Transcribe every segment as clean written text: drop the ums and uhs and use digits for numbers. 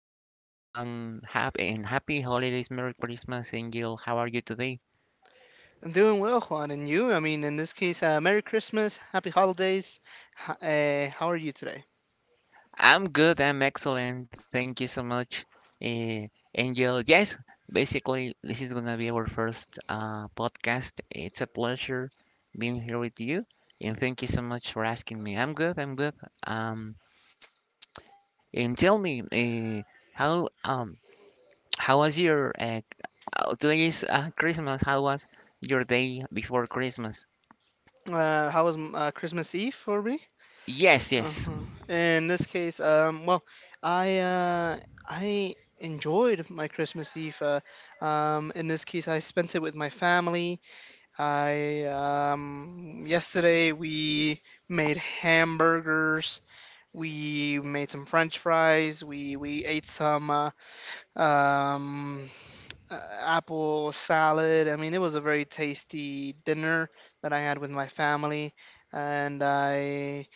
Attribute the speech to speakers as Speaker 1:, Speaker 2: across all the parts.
Speaker 1: morning, happy and happy holidays, Merry Christmas, Angel. How are you today?
Speaker 2: I'm doing well, Juan, and you? I mean, in this case, Merry Christmas, Happy Holidays. How are you today?
Speaker 1: I'm good, I'm excellent, thank you so much, uh, Angel. Yes, basically, this is gonna be our first podcast. It's a pleasure being here with you, and thank you so much for asking me. I'm good, I'm good. Um, and tell me, how um, how was your today is Christmas? How was your day before Christmas?
Speaker 2: How was Christmas Eve for me?
Speaker 1: Yes, yes.
Speaker 2: Uh-huh. In this case, well, I uh, I enjoyed my Christmas Eve. In this case, I spent it with my family. I yesterday we made hamburgers. We made some French fries. We ate some um, apple salad. I mean, it was a very tasty dinner that I had with my family, and I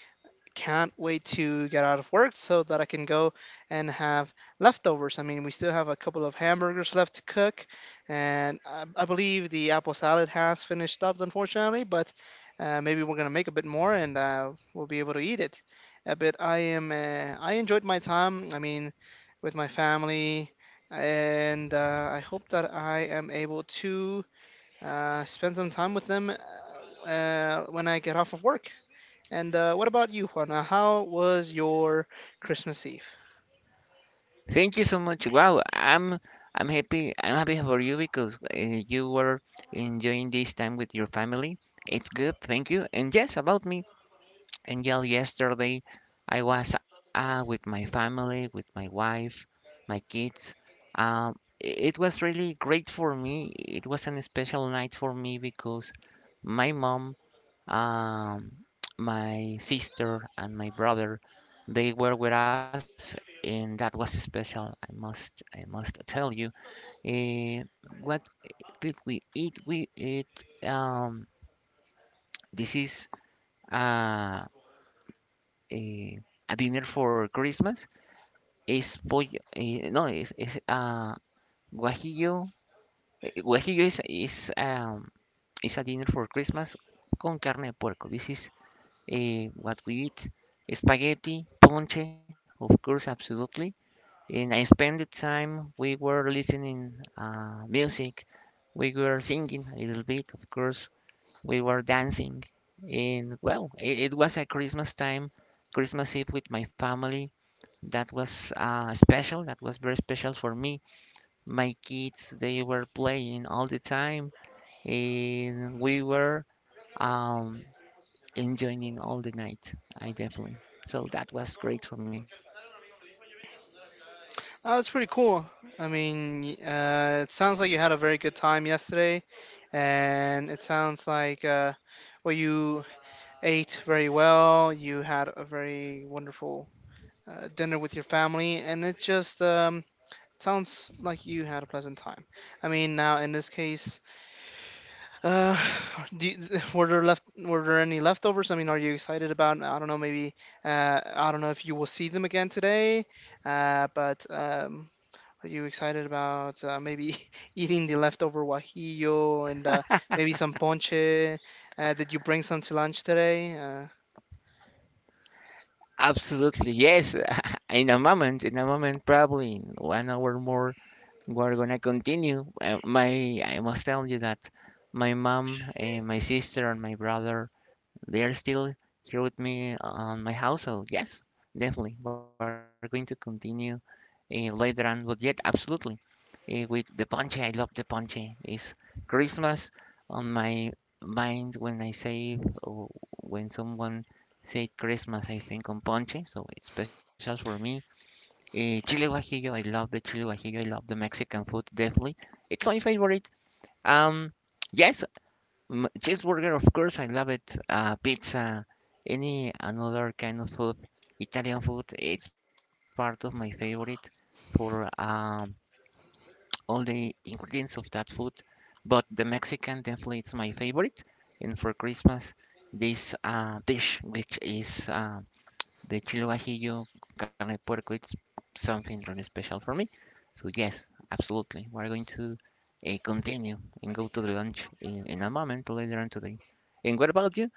Speaker 2: can't wait to get out of work so that I can go and have leftovers. I mean, we still have a couple of hamburgers left to cook, and I believe the apple salad has finished up, unfortunately, but maybe we're gonna make a bit more and we'll be able to eat it. But I enjoyed my time. I mean, with my family, and I hope that I am able to spend some time with them when I get off of work. And what about you, Juan? How was your Christmas Eve?
Speaker 1: Thank you so much. Wow, I'm happy. I'm happy for you because you were enjoying this time with your family. It's good. Thank you. And yes, about me. And yeah, yesterday I was with my family, with my wife, my kids. Um, it was really great for me. It was an special night for me because my mom. Um, my sister and my brother, they were with us, and that was special. I must tell you. Uh, what did we eat? We ate. This is uh, a, a dinner for Christmas. It's pollo. No, it's guajillo. Guajillo is a dinner for Christmas con carne de puerco. This is what we eat, spaghetti, ponche, of course, absolutely. And I spent the time we were listening music, we were singing a little bit, of course, we were dancing, and well, it was a Christmas time, Christmas Eve with my family. That was special. That was very special for me. My kids, they were playing all the time, and we were um, enjoying all the night. I definitely. So that was great for me.
Speaker 2: Oh, that's pretty cool. I mean, it sounds like you had a very good time yesterday, and it sounds like well, you ate very well. You had a very wonderful dinner with your family, and it just sounds like you had a pleasant time. I mean, now in this case, Uh, do you, were there any leftovers? I mean, are you excited about? I don't know. Maybe I don't know if you will see them again today. But are you excited about maybe eating the leftover guajillo and maybe some ponche? Did you bring some to lunch today?
Speaker 1: Absolutely, yes. In a moment, probably in 1 hour more, we're gonna continue. I must tell you that my mom, my sister, and my brother, they are still here with me on my house. So yes, definitely, we're going to continue later on. But yet, absolutely, with the ponche. I love the ponche. It's Christmas on my mind when I say or when someone say Christmas, I think on ponche, so it's special for me. Chile guajillo, I love the chile guajillo. I love the Mexican food definitely. It's my favorite. Um, yes, cheeseburger, of course, I love it. Pizza, any another kind of food, Italian food, it's part of my favorite for all the ingredients of that food, but the Mexican definitely is my favorite. And for Christmas, this dish, which is the chile guajillo carne de puerco, it's something really special for me. So yes, absolutely, we're going to continue and go to the lunch in a moment later on today. And what about you?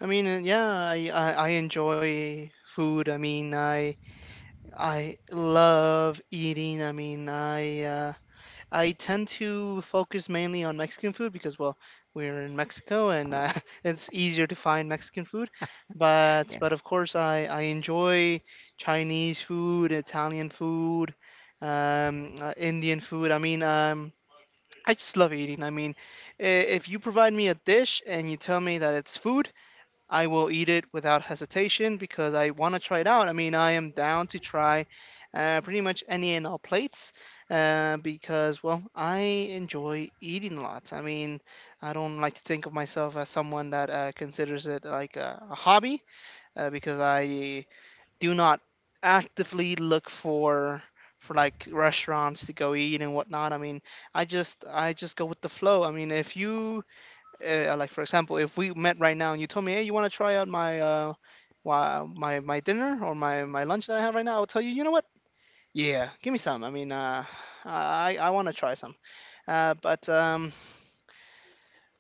Speaker 2: I mean, yeah, I enjoy food. I mean, I love eating. I mean, I. I tend to focus mainly on Mexican food because, well, we're in Mexico and it's easier to find Mexican food. But of
Speaker 1: Yes.
Speaker 2: course, I enjoy Chinese food, Italian food, Indian food. I mean, I just love eating. I mean, if you provide me a dish and you tell me that it's food, I will eat it without hesitation because I want to try it out. I mean, I am down to try pretty much any and all plates because, well, I enjoy eating a lot. I mean, I don't like to think of myself as someone that considers it like a hobby because I do not actively look for like restaurants to go eat and whatnot. I mean, I just go with the flow. I mean, if you like for example, if we met right now and you told me, hey, you want to try out my my my dinner or my lunch that I have right now, I will tell you, you know what? Yeah, give me some. I mean, I want to try some. Uh, but um,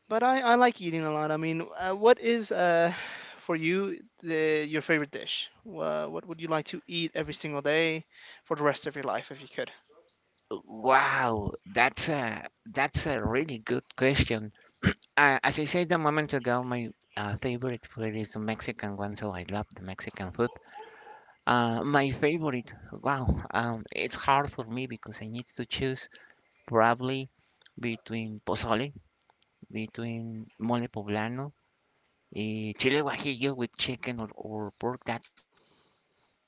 Speaker 2: but I like eating a lot. I mean, what is for you the your favorite dish? What would you like to eat every single day for the rest of your life if you could?
Speaker 1: Wow, that's a really good question. As I said a moment ago, my favorite food is the Mexican one, so I love the Mexican food. My favorite, wow, it's hard for me because I need to choose probably between pozole, between mole poblano, chile guajillo with chicken or pork. That's good for me.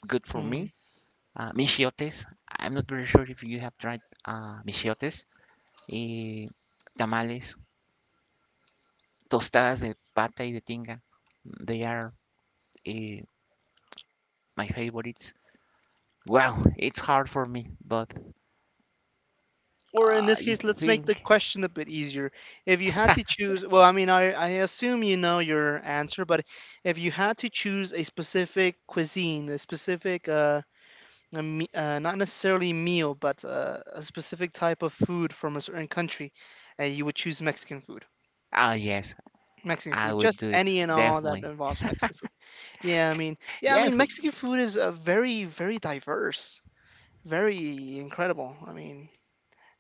Speaker 2: Hmm.
Speaker 1: Michiotes. I'm not very sure if you have tried michiotes. eh, tamales, tostadas de pata y de tinga. They are uh, my favorites. Well, it's hard for me, but
Speaker 2: Or in
Speaker 1: I
Speaker 2: this case, let's
Speaker 1: think.
Speaker 2: make the question a bit easier. If you had to choose, well, I mean, I assume you know your answer, but if you had to choose a specific cuisine, a specific, not necessarily meal, but a specific type of food from a certain country, you would choose Mexican food.
Speaker 1: Oh, yes,
Speaker 2: Mexican
Speaker 1: I
Speaker 2: food,
Speaker 1: would
Speaker 2: just
Speaker 1: do it.
Speaker 2: any and all that
Speaker 1: Definitely.
Speaker 2: involves Mexican food.
Speaker 1: Yes,
Speaker 2: Yeah, I mean, Mexican food is very, very diverse, very incredible. I mean,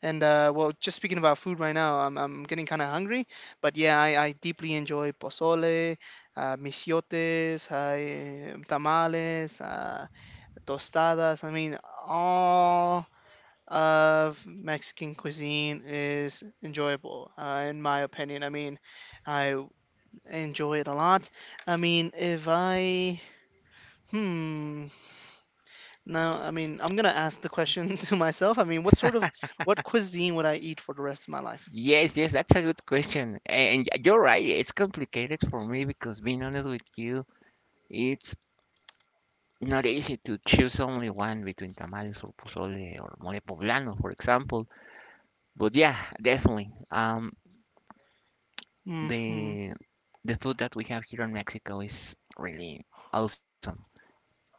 Speaker 2: and well, just speaking about food right now, I'm getting kind of hungry. But yeah, I deeply enjoy pozole, misiotes, tamales, tostadas. I mean, all of Mexican cuisine is enjoyable, in my opinion. I mean, I enjoy it a lot. I mean, if I, hmm, now, I mean, I'm gonna ask the question to myself. I mean, what cuisine would I eat for the rest of my life?
Speaker 1: yes, yes, that's a good question. And you're right, it's complicated for me because, being honest with you, it's not easy to choose only one between tamales or pozole or mole poblano, for example. But yeah, definitely.
Speaker 2: Mhm.
Speaker 1: The the food that we have here in Mexico is really awesome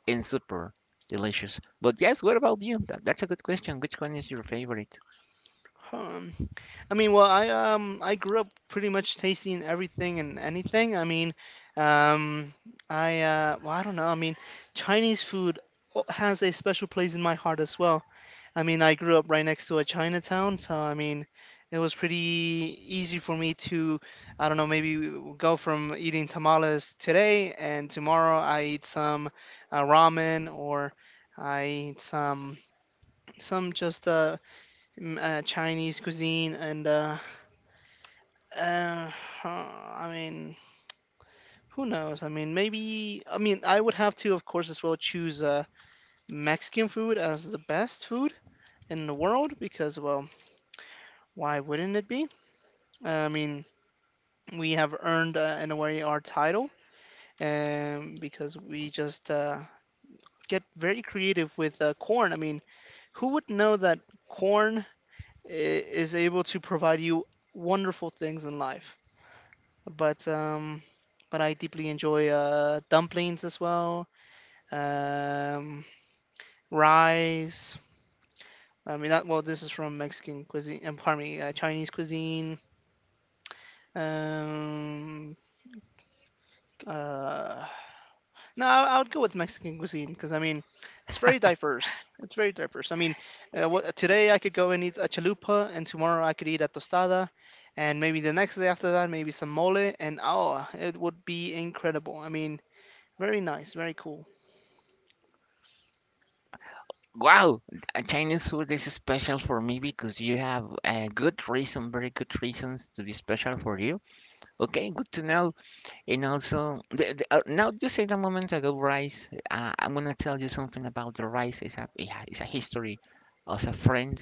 Speaker 1: and super delicious. But yes, what about you? That's a good question. Which one is your favorite?
Speaker 2: Um, I mean, well, I grew up pretty much tasting everything and anything. I mean, um I well, I don't know. I mean, Chinese food has a special place in my heart as well. I mean, I grew up right next to a Chinatown, so I mean, it was pretty easy for me to, I don't know, maybe go from eating tamales today and tomorrow I eat some ramen or I eat some some just uh, Chinese cuisine, and uh, huh, I mean, who knows? I mean, maybe. I mean, I would have to, of course, as well choose Mexican food as the best food in the world because, well, why wouldn't it be? I mean, we have earned in a way our title, because we just get very creative with corn. I mean, who would know that corn is able to provide you wonderful things in life? but um, but I deeply enjoy dumplings as well, um, rice. I mean, that, well, this is from Mexican cuisine. Pardon me, Chinese cuisine. Um, uh, no, I would go with Mexican cuisine because I mean, it's very diverse. It's very diverse. I mean, today I could go and eat a chalupa, and tomorrow I could eat a tostada, and maybe the next day after that, maybe some mole, and oh, it would be incredible. I mean, very nice, very cool.
Speaker 1: Wow, Chinese food is special for me because you have a good reason, very good reasons to be special for you. Okay, good to know. And also, now you said a moment ago, rice. I'm gonna tell you something about the rice. It's a history as a friend.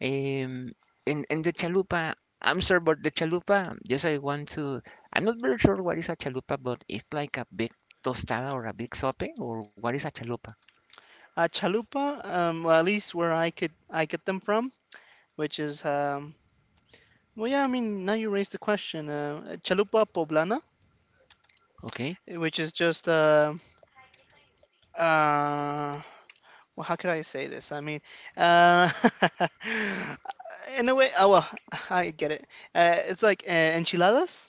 Speaker 1: Um, and the chalupa. I'm sorry, but the chalupa. Yes, I want to. I'm not very sure what is a chalupa, but it's like a big tostada or a big sope, or what is a chalupa?
Speaker 2: Chalupa, well, at least where I get them from, which is well, yeah. I mean, now you raised the question. Chalupa poblana,
Speaker 1: Okay.
Speaker 2: which is just uh, well, how could I say this? I mean, uh, in a way, oh well, I get it. It's like enchiladas,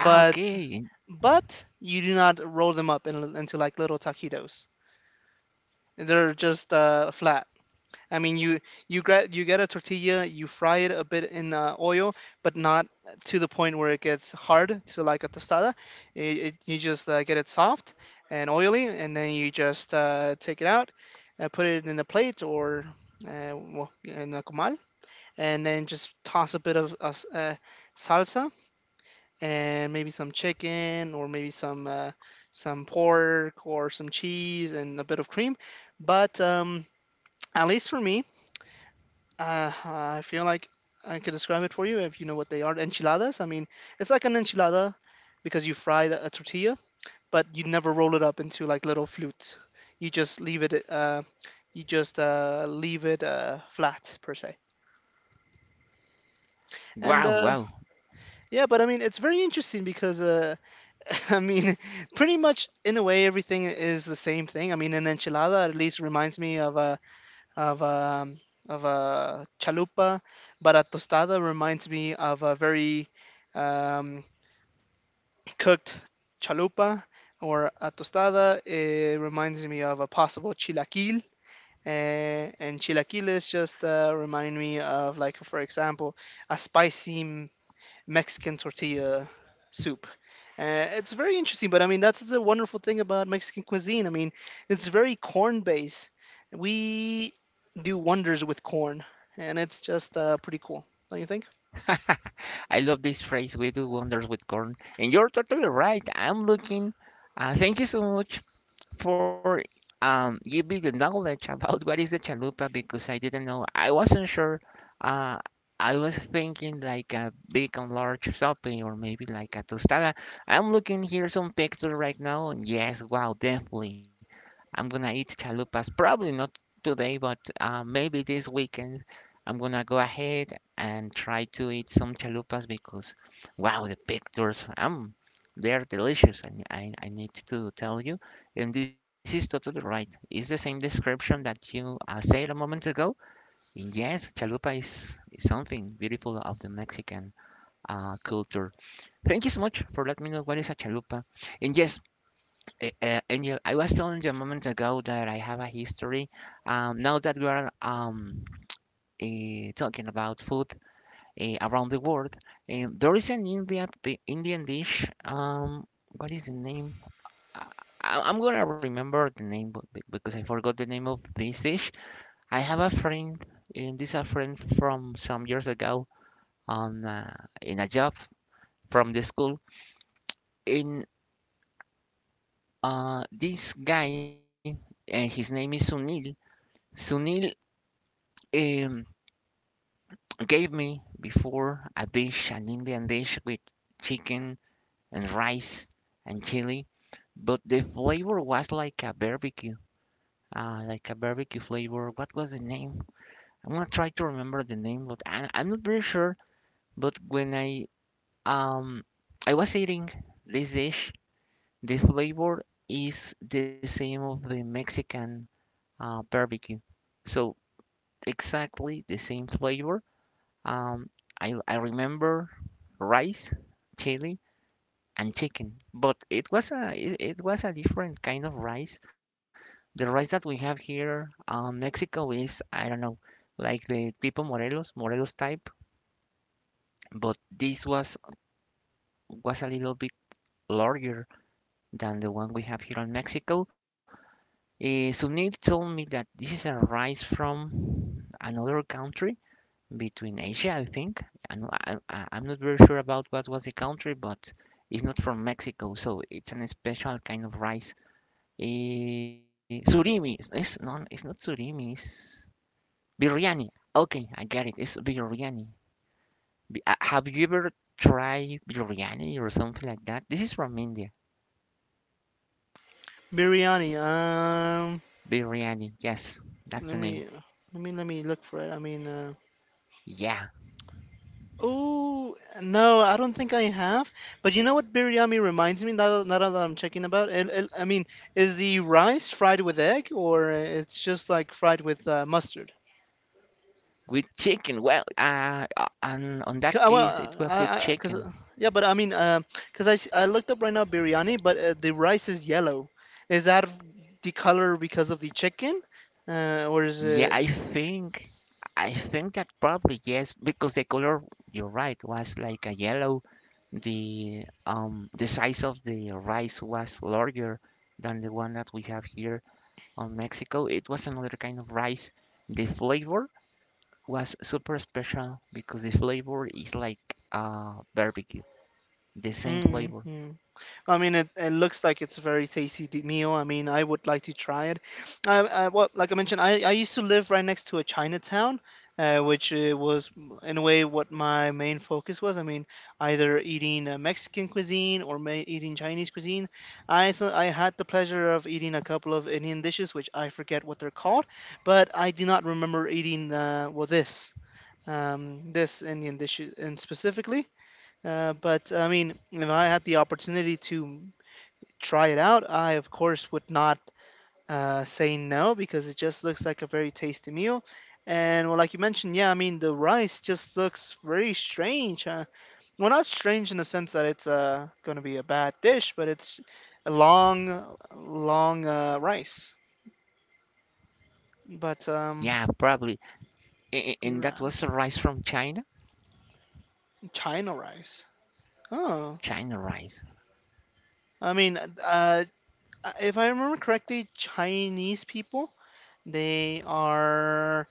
Speaker 1: Ah, okay.
Speaker 2: you do not roll them up into like little taquitos. They're just flat. I mean, you get a tortilla, you fry it a bit in oil, but not to the point where it gets hard to like a tostada. You just get it soft and oily, and then you just take it out and put it in a plate or well, in a comal, and then just toss a bit of salsa and maybe some chicken or maybe some pork or some cheese and a bit of cream. But at least for me I feel like I could describe it for you if you know what they are. Enchiladas. I mean, it's like an enchilada because you fry a tortilla, but you never roll it up into like little flutes. You just leave it. You just leave it flat per se. And
Speaker 1: Wow, wow.
Speaker 2: yeah, but I mean, it's very interesting because I mean, pretty much in a way, everything is the same thing. I mean, an enchilada at least reminds me of a of a of a chalupa, but a tostada reminds me of a very um, cooked chalupa or a tostada. It reminds me of a possible chilaquil. Eh, and chilaquiles just remind me of like for example a spicy Mexican tortilla soup. It's very interesting, but I mean that's the wonderful thing about Mexican cuisine. I mean, it's very corn based. We do wonders with corn, and it's just pretty cool, don't you think?
Speaker 1: I love this phrase. We do wonders with corn. And you're totally right. I'm looking. Thank you so much for give me the knowledge about what is the chalupa because I didn't know. I wasn't sure. Uh, I was thinking like a big and large sope or maybe like a tostada. I'm looking here some pictures right now, and yes, wow, definitely. I'm gonna eat chalupas. Probably not today, but maybe this weekend. I'm gonna go ahead and try to eat some chalupas because, wow, the pictures, they're delicious. I need to tell you. And this is totally right. It's the same description that you said a moment ago. Yes, chalupa is something beautiful of the Mexican culture. Thank you so much for letting me know what is a chalupa. And yes, Angel, I was telling you a moment ago that I have a history. Now that we are talking about food around the world, there is an India, Indian dish. What is the name? I, I'm gonna remember the name because I forgot the name of this dish. I have a friend, and this a friend from some years ago on in a job from the school. In this guy, and his name is Sunil. Sunil um, gave me before a dish, an Indian dish with chicken and rice and chili, but the flavor was like a barbecue flavor. What was the name? I'm gonna try to remember the name, but I'm not very sure. But when I um I was eating this dish, the flavor is the same of the Mexican barbecue, so exactly the same flavor. Um, I remember rice, chili, and chicken, but it was a different kind of rice. The rice that we have here, Mexico is I don't know, like the tipo Morelos, Morelos type, but this was a little bit larger than the one we have here in Mexico. Sunil told me that this is a rice from another country between Asia, I think. I am not very sure about what was the country, but it's not from Mexico, so it's an special kind of rice. Surimi, it's not surimi, it's biryani. Okay, I get it. It's biryani. Uh, have you ever tried biryani or something like that? This is from India.
Speaker 2: Biryani.
Speaker 1: Biryani. Yes, that's the
Speaker 2: Let me
Speaker 1: name.
Speaker 2: let me look for it. I mean,
Speaker 1: Yeah,
Speaker 2: oh no, I don't think I have. But you know what biryani reminds me? Now, now that I'm checking about it, I mean, is the rice fried with egg or it's just like fried with mustard?
Speaker 1: with chicken. Well, and on that case, it
Speaker 2: Well,
Speaker 1: was with
Speaker 2: cause,
Speaker 1: chicken.
Speaker 2: yeah, but I mean, cause I looked up right now biryani, but the rice is yellow. Is that the color because of the chicken, or is
Speaker 1: Yeah, I
Speaker 2: it?
Speaker 1: think, I think that probably yes, because the color, you're right, was like a yellow. The size of the rice was larger than the one that we have here on Mexico. It was another kind of rice. The flavor was super special because the flavor is like barbecue, the same flavor.
Speaker 2: Mm-hmm. I mean, it looks like it's a very tasty meal. I mean, I would like to try it. Well, like I mentioned, I used to live right next to a Chinatown, which was in a way what my main focus was. I mean, either eating Mexican cuisine or eating Chinese cuisine. I so I had the pleasure of eating a couple of Indian dishes, which I forget what they're called, but I do not remember eating well this this Indian dish and specifically. But I mean, if I had the opportunity to try it out. I, of course, would not say no because it just looks like a very tasty meal. And well, like you mentioned, yeah, I mean the rice just looks very strange. Well, not strange in the sense that it's going to be a bad dish, but it's a long, long rice. But
Speaker 1: Yeah,
Speaker 2: um,
Speaker 1: probably. And that was a
Speaker 2: ra-
Speaker 1: rice from China?
Speaker 2: China rice. Oh,
Speaker 1: China rice.
Speaker 2: I mean, if I remember correctly, Chinese people they are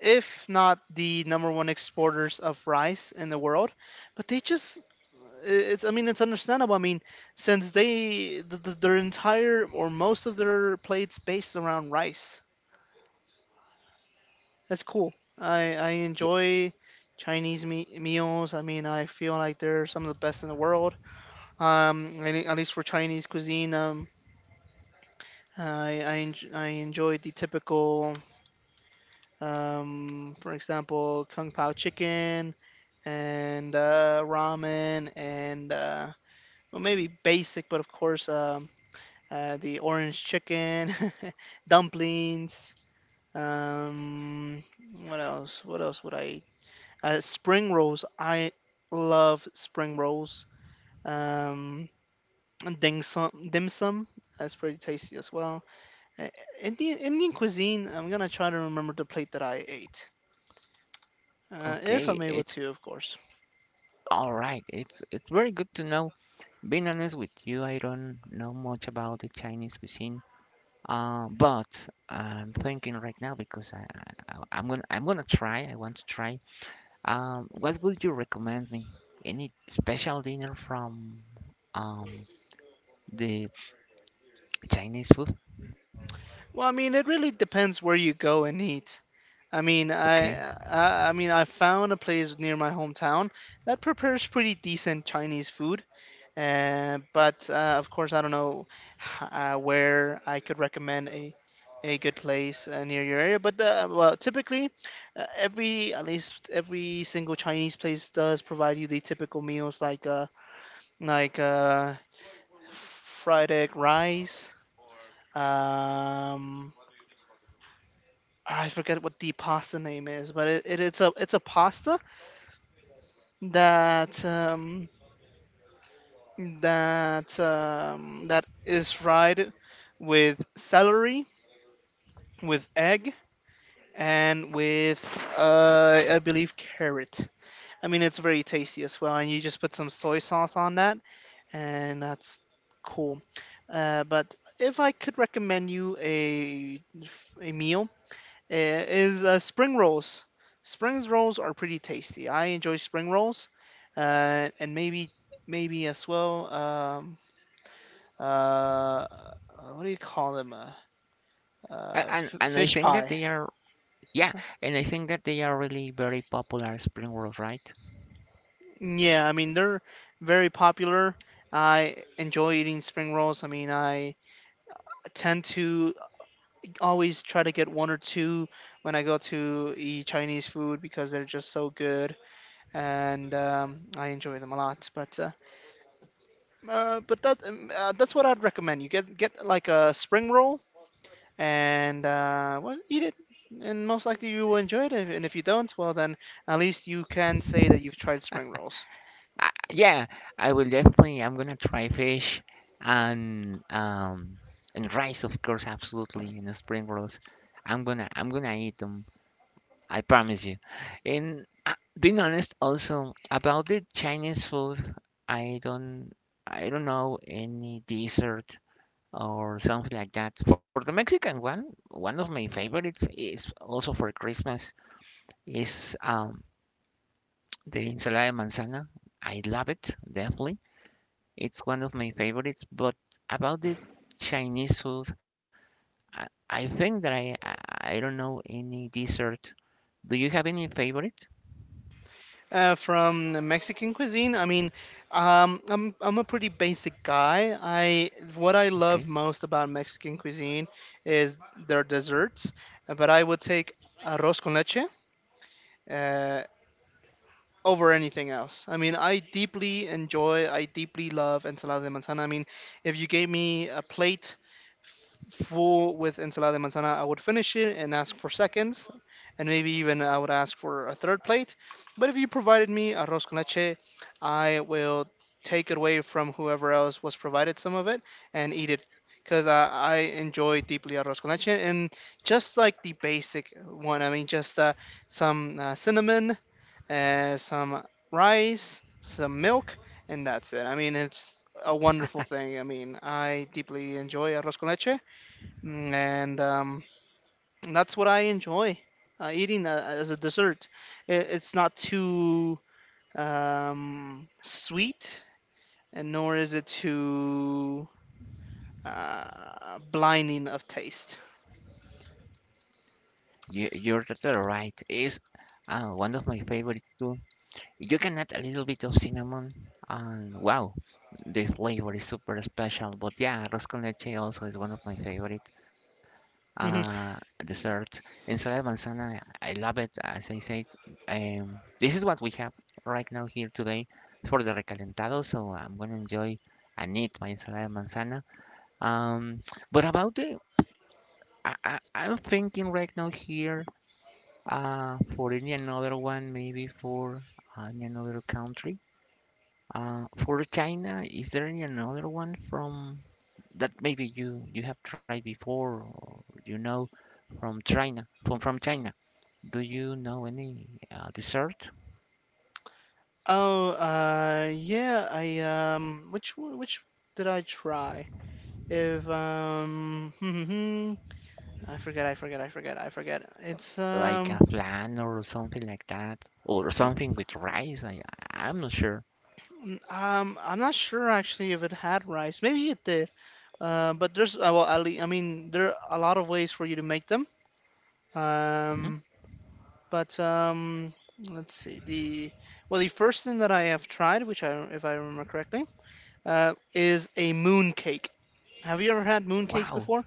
Speaker 2: if not the number one exporters of rice in the world. But they just it's I mean it's understandable. I mean since they their entire or most of their plates based around rice. That's cool. I
Speaker 1: Yeah,
Speaker 2: enjoy Chinese meals. I mean I feel like they're some of the best in the world. At least for Chinese cuisine. I enjoy the typical for example, kung pao chicken and ramen and well, maybe basic, but of course the orange chicken, dumplings. Um, what else? What else would I eat? Spring rolls. I love spring rolls. Um, and dim sum. Dim sum. That's pretty tasty as well. Uh, Indian cuisine. I'm gonna try to remember the plate that I ate, if
Speaker 1: okay,
Speaker 2: I'm able
Speaker 1: it's
Speaker 2: to, of course.
Speaker 1: all right. It's very good to know. Being honest with you, I don't know much about the Chinese cuisine. But I'm thinking right now because I'm gonna try. I want to try. What would you recommend me? Any special dinner from um the Chinese food?
Speaker 2: Well, I mean, it really depends where you go and eat. I mean,
Speaker 1: Okay.
Speaker 2: I, I mean, I found a place near my hometown that prepares pretty decent Chinese food. But Of course, I don't know where I could recommend a good place near your area. But typically, every at least every single Chinese place does provide you the typical meals like fried egg rice. Um, I forget what the pasta name is, but it's a pasta that um, that is fried with celery, with egg, and with I believe carrot. I mean, it's very tasty as well, and you just put some soy sauce on that, and that's cool. But if I could recommend you a meal, eh, is spring rolls. Spring rolls are pretty tasty. I enjoy spring rolls, and maybe as well. Uh, what do you call them?
Speaker 1: A- And and I
Speaker 2: Fish
Speaker 1: think that
Speaker 2: pie.
Speaker 1: they are. Yeah, and I think that they are really very popular spring rolls, right?
Speaker 2: Yeah, I mean they're very popular. I enjoy eating spring rolls. I mean, I tend to always try to get one or two when I go to eat Chinese food because they're just so good, and I enjoy them a lot. But that That's what I'd recommend. You get like a spring roll and well, eat it, and most likely you will enjoy it. And if you don't, well, then at least you can say that you've tried spring rolls.
Speaker 1: Yeah, I will definitely. I'm gonna try fish and um and rice, of course, absolutely, and the spring rolls. I'm gonna eat them. I promise you. And being honest, also about the Chinese food, I don't I don't know any dessert or something like that. For the Mexican one, one of my favorites is also for Christmas is the ensalada de manzana, I love it, definitely. It's one of my favorites. But about the Chinese food, I think that I don't know any dessert. Do you have any favorite?
Speaker 2: From the Mexican cuisine, I mean, I'm a pretty basic guy. I what I
Speaker 1: Okay,
Speaker 2: love most about Mexican cuisine is their desserts, but I would take arroz con leche. Uh, Over anything else. I mean, I deeply enjoy, I deeply love ensalada de manzana. I mean, if you gave me a plate full with ensalada de manzana, I would finish it and ask for seconds, and maybe even I would ask for a third plate. But if you provided me arroz con leche, I will take it away from whoever else was provided some of it and eat it. Because I enjoy deeply arroz con leche and just like the basic one. I mean, just some cinnamon, some rice, some milk, and that's it. I mean, it's a wonderful thing. I mean, I deeply enjoy arroz con leche, and that's what I enjoy eating as a dessert. It's not too sweet, and nor is it too blinding of taste.
Speaker 1: you're totally right. Is one of my favorite too. You can add a little bit of cinnamon, and wow, the flavor is super special. But yeah, arroz con leche also is one of my favorite.
Speaker 2: Mhm.
Speaker 1: uh, dessert, ensalada manzana. I love it, as I said. This is what we have right now here today for the recalentado, so I'm gonna enjoy and eat my ensalada manzana. Um, but about the, I'm thinking right now here for any another one, maybe for any another country. For China, is there any another one from that maybe you you have tried before or you know from China, from China. Do you know any dessert
Speaker 2: Oh, yeah. I Which which did I try? If I forget.
Speaker 1: like a flan or something like that or
Speaker 2: N-
Speaker 1: something with rice? I'm not sure.
Speaker 2: I'm not sure actually if it had rice. Maybe it did. But there's I mean, there are a lot of ways for you to make them.
Speaker 1: Mhm.
Speaker 2: Um, but Let's see. The well, the first thing that I have tried, which I if I remember correctly, is a moon cake. Have you ever had moon cakes before?
Speaker 1: Wow.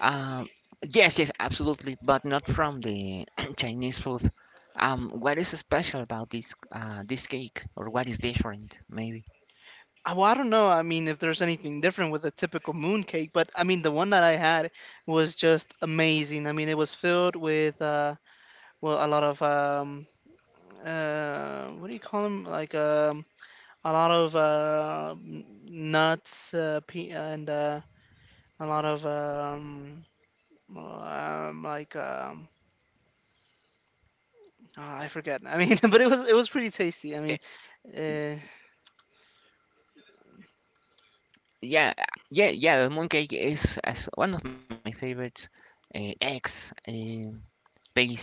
Speaker 1: Um, yes, absolutely, but not from the Chinese food. What is special about this this cake, or what is different maybe?
Speaker 2: Well, I don't know. I mean, if there's anything different with a typical moon cake, but I mean, the one that I had was just amazing. It was filled with a lot of what do you call them? A lot of nuts, and a lot of um, like um, I forget. I mean, but it was pretty tasty. Uh,
Speaker 1: Yeah, uh, yeah. Mooncake is as one of my favorites. Eggs, paste.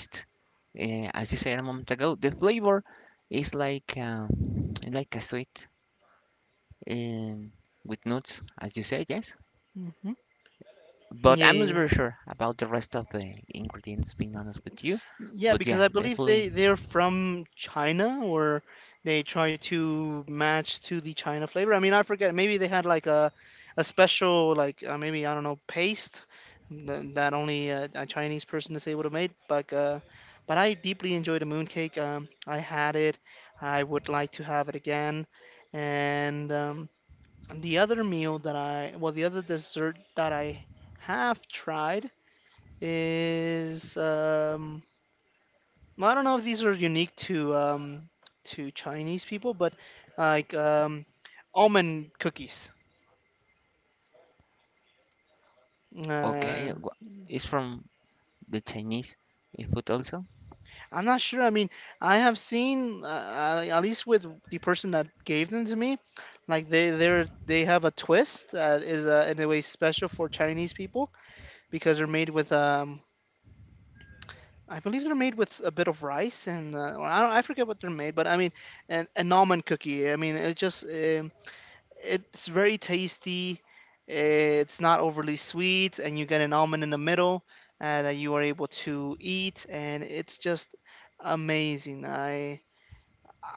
Speaker 1: As you said a moment ago, the flavor is like a sweet um, with nuts, as you said, yes.
Speaker 2: mhm.
Speaker 1: But
Speaker 2: yeah,
Speaker 1: I'm not
Speaker 2: yeah,
Speaker 1: very sure about the rest of the ingredients. Being honest with you,
Speaker 2: Yeah,
Speaker 1: but
Speaker 2: because
Speaker 1: yeah,
Speaker 2: I believe they
Speaker 1: definitely.
Speaker 2: they're from China or they try to match to the China flavor. I mean, I forget. Maybe they had like a special maybe I don't know paste that only a Chinese person is able to make. But I deeply enjoyed the mooncake. I had it. I would like to have it again. And the other meal that I well the other dessert that I have tried is. Well, I don't know if these are unique to Chinese people, but like um, almond cookies. Uh,
Speaker 1: Okay, it's from the Chinese food also.
Speaker 2: I'm not sure. I mean, I have seen at least with the person that gave them to me, like they have a twist that is in a way special for Chinese people because they're made with. I believe they're made with a bit of rice and or I, don't, I forget what they're made, but I mean, an almond cookie. I mean, it's very tasty. It's not overly sweet, and you get an almond in the middle that you are able to eat, and it's just amazing. I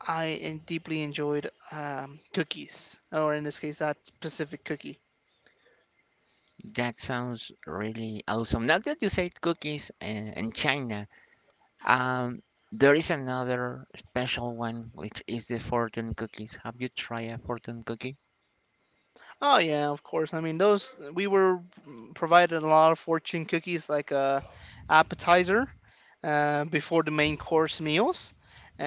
Speaker 2: I en- deeply enjoyed cookies, or in this case, that specific cookie.
Speaker 1: That sounds really awesome. Now that you said cookies in China. Um, there is another special one, which is the fortune cookies. Have you tried a fortune cookie?
Speaker 2: Oh yeah, of course. I mean, those we were provided a lot of fortune cookies like a appetizer before the main course meals, uh,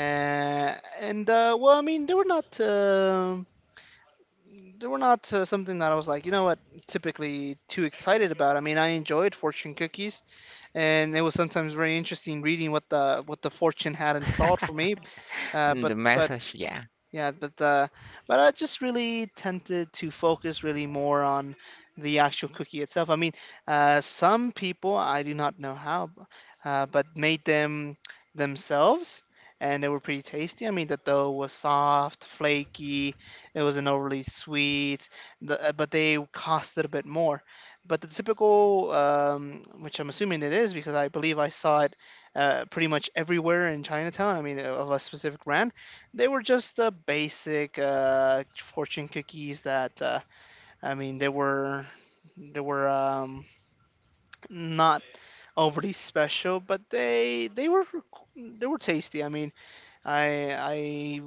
Speaker 2: and I mean, they were not. They were not something that I was like, you know what, typically too excited about. I mean, I enjoyed fortune cookies, and it was sometimes very interesting reading what the fortune had installed for me.
Speaker 1: The message,
Speaker 2: But
Speaker 1: yeah,
Speaker 2: yeah, but I just really tended to focus really more on the actual cookie itself. I mean, some people I do not know how, but made them themselves, and they were pretty tasty. I mean, the dough was soft, flaky. It wasn't overly sweet, but they costed a bit more. But the typical, which I'm assuming it is because I believe I saw it pretty much everywhere in Chinatown. I mean, of a specific brand they were just the basic fortune cookies that I mean they were not overly special, but they were they were tasty. I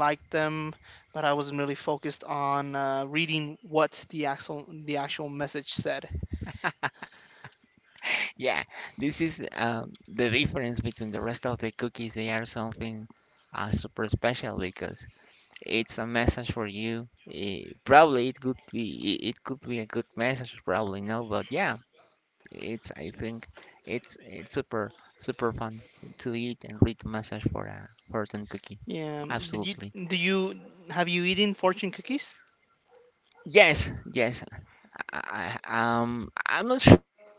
Speaker 2: liked them, but I wasn't really focused on reading what the actual message said.
Speaker 1: yeah. This is the difference between the rest of the cookies. They are something super special because it's a message for you. Probably it could be a good message. Probably no, but yeah, it's I think it's super super fun to eat and read the message for a fortune cookie.
Speaker 2: Yeah. Did you
Speaker 1: Absolutely.
Speaker 2: do you Have you eaten fortune cookies?
Speaker 1: Yes, yes. I'm not sure.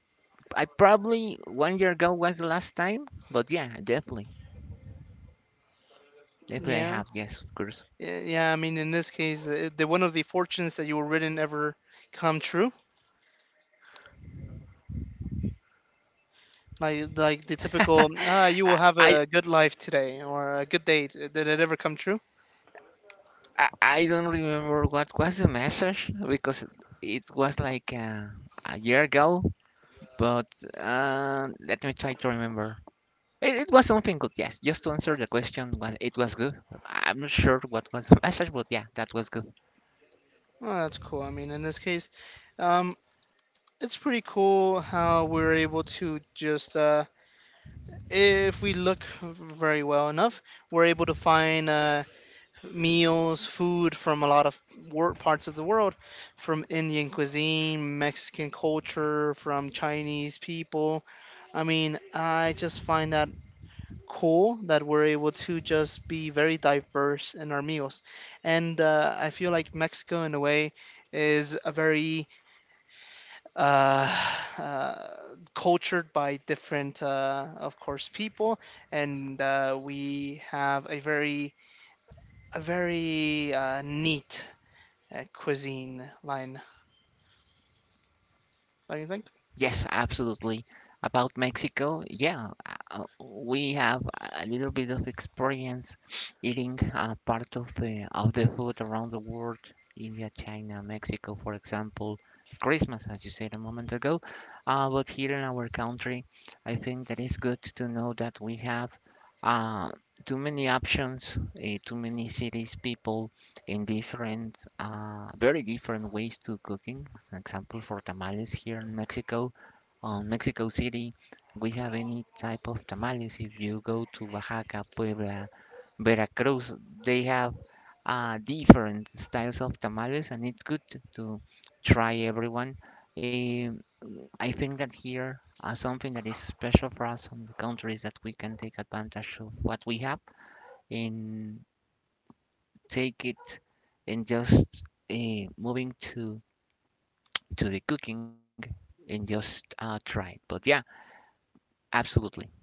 Speaker 1: I probably 1 year ago was the last time, but yeah, definitely, definitely I have.
Speaker 2: Yeah.
Speaker 1: Yes, of course.
Speaker 2: Yeah, I mean, in this case, did one of the fortunes that you were written ever come true? Like the typical,
Speaker 1: I,
Speaker 2: ah, you will
Speaker 1: I,
Speaker 2: have a good life today or a good day. Did it ever come true?
Speaker 1: I don't remember what was the message because it was like a year ago. But let me try to remember. It was something good. Yes, just to answer the question, was it was good. I'm not sure what was the message, but yeah, that was good.
Speaker 2: Oh, that's cool. I mean, in this case, um, it's pretty cool how we're able to just, if we look very well enough, we're able to find meals, food from a lot of parts of the world, from Indian cuisine, Mexican culture, from Chinese people. I mean, I just find that cool that we're able to just be very diverse in our meals. And I feel like Mexico, in a way, is a very uh, uh, cultured by different, of course, people, and we have a very neat cuisine line. Don't you think?
Speaker 1: Yes, absolutely. About Mexico, yeah, we have a little bit of experience eating part of the food around the world, India, China, Mexico, for example, Christmas, as you said a moment ago. But here in our country, I think that it's good to know that we have uh, too many options, too many cities, people in different, very different ways to cooking. As an example, for tamales here in Mexico, on Mexico City, we have any type of tamales. If you go to Oaxaca, Puebla, Veracruz, they have different styles of tamales, and it's good to try everyone. Um, I think that here something that is special for us on the country is that we can take advantage of what we have in, take it and just moving to the cooking and just try it. But yeah, absolutely.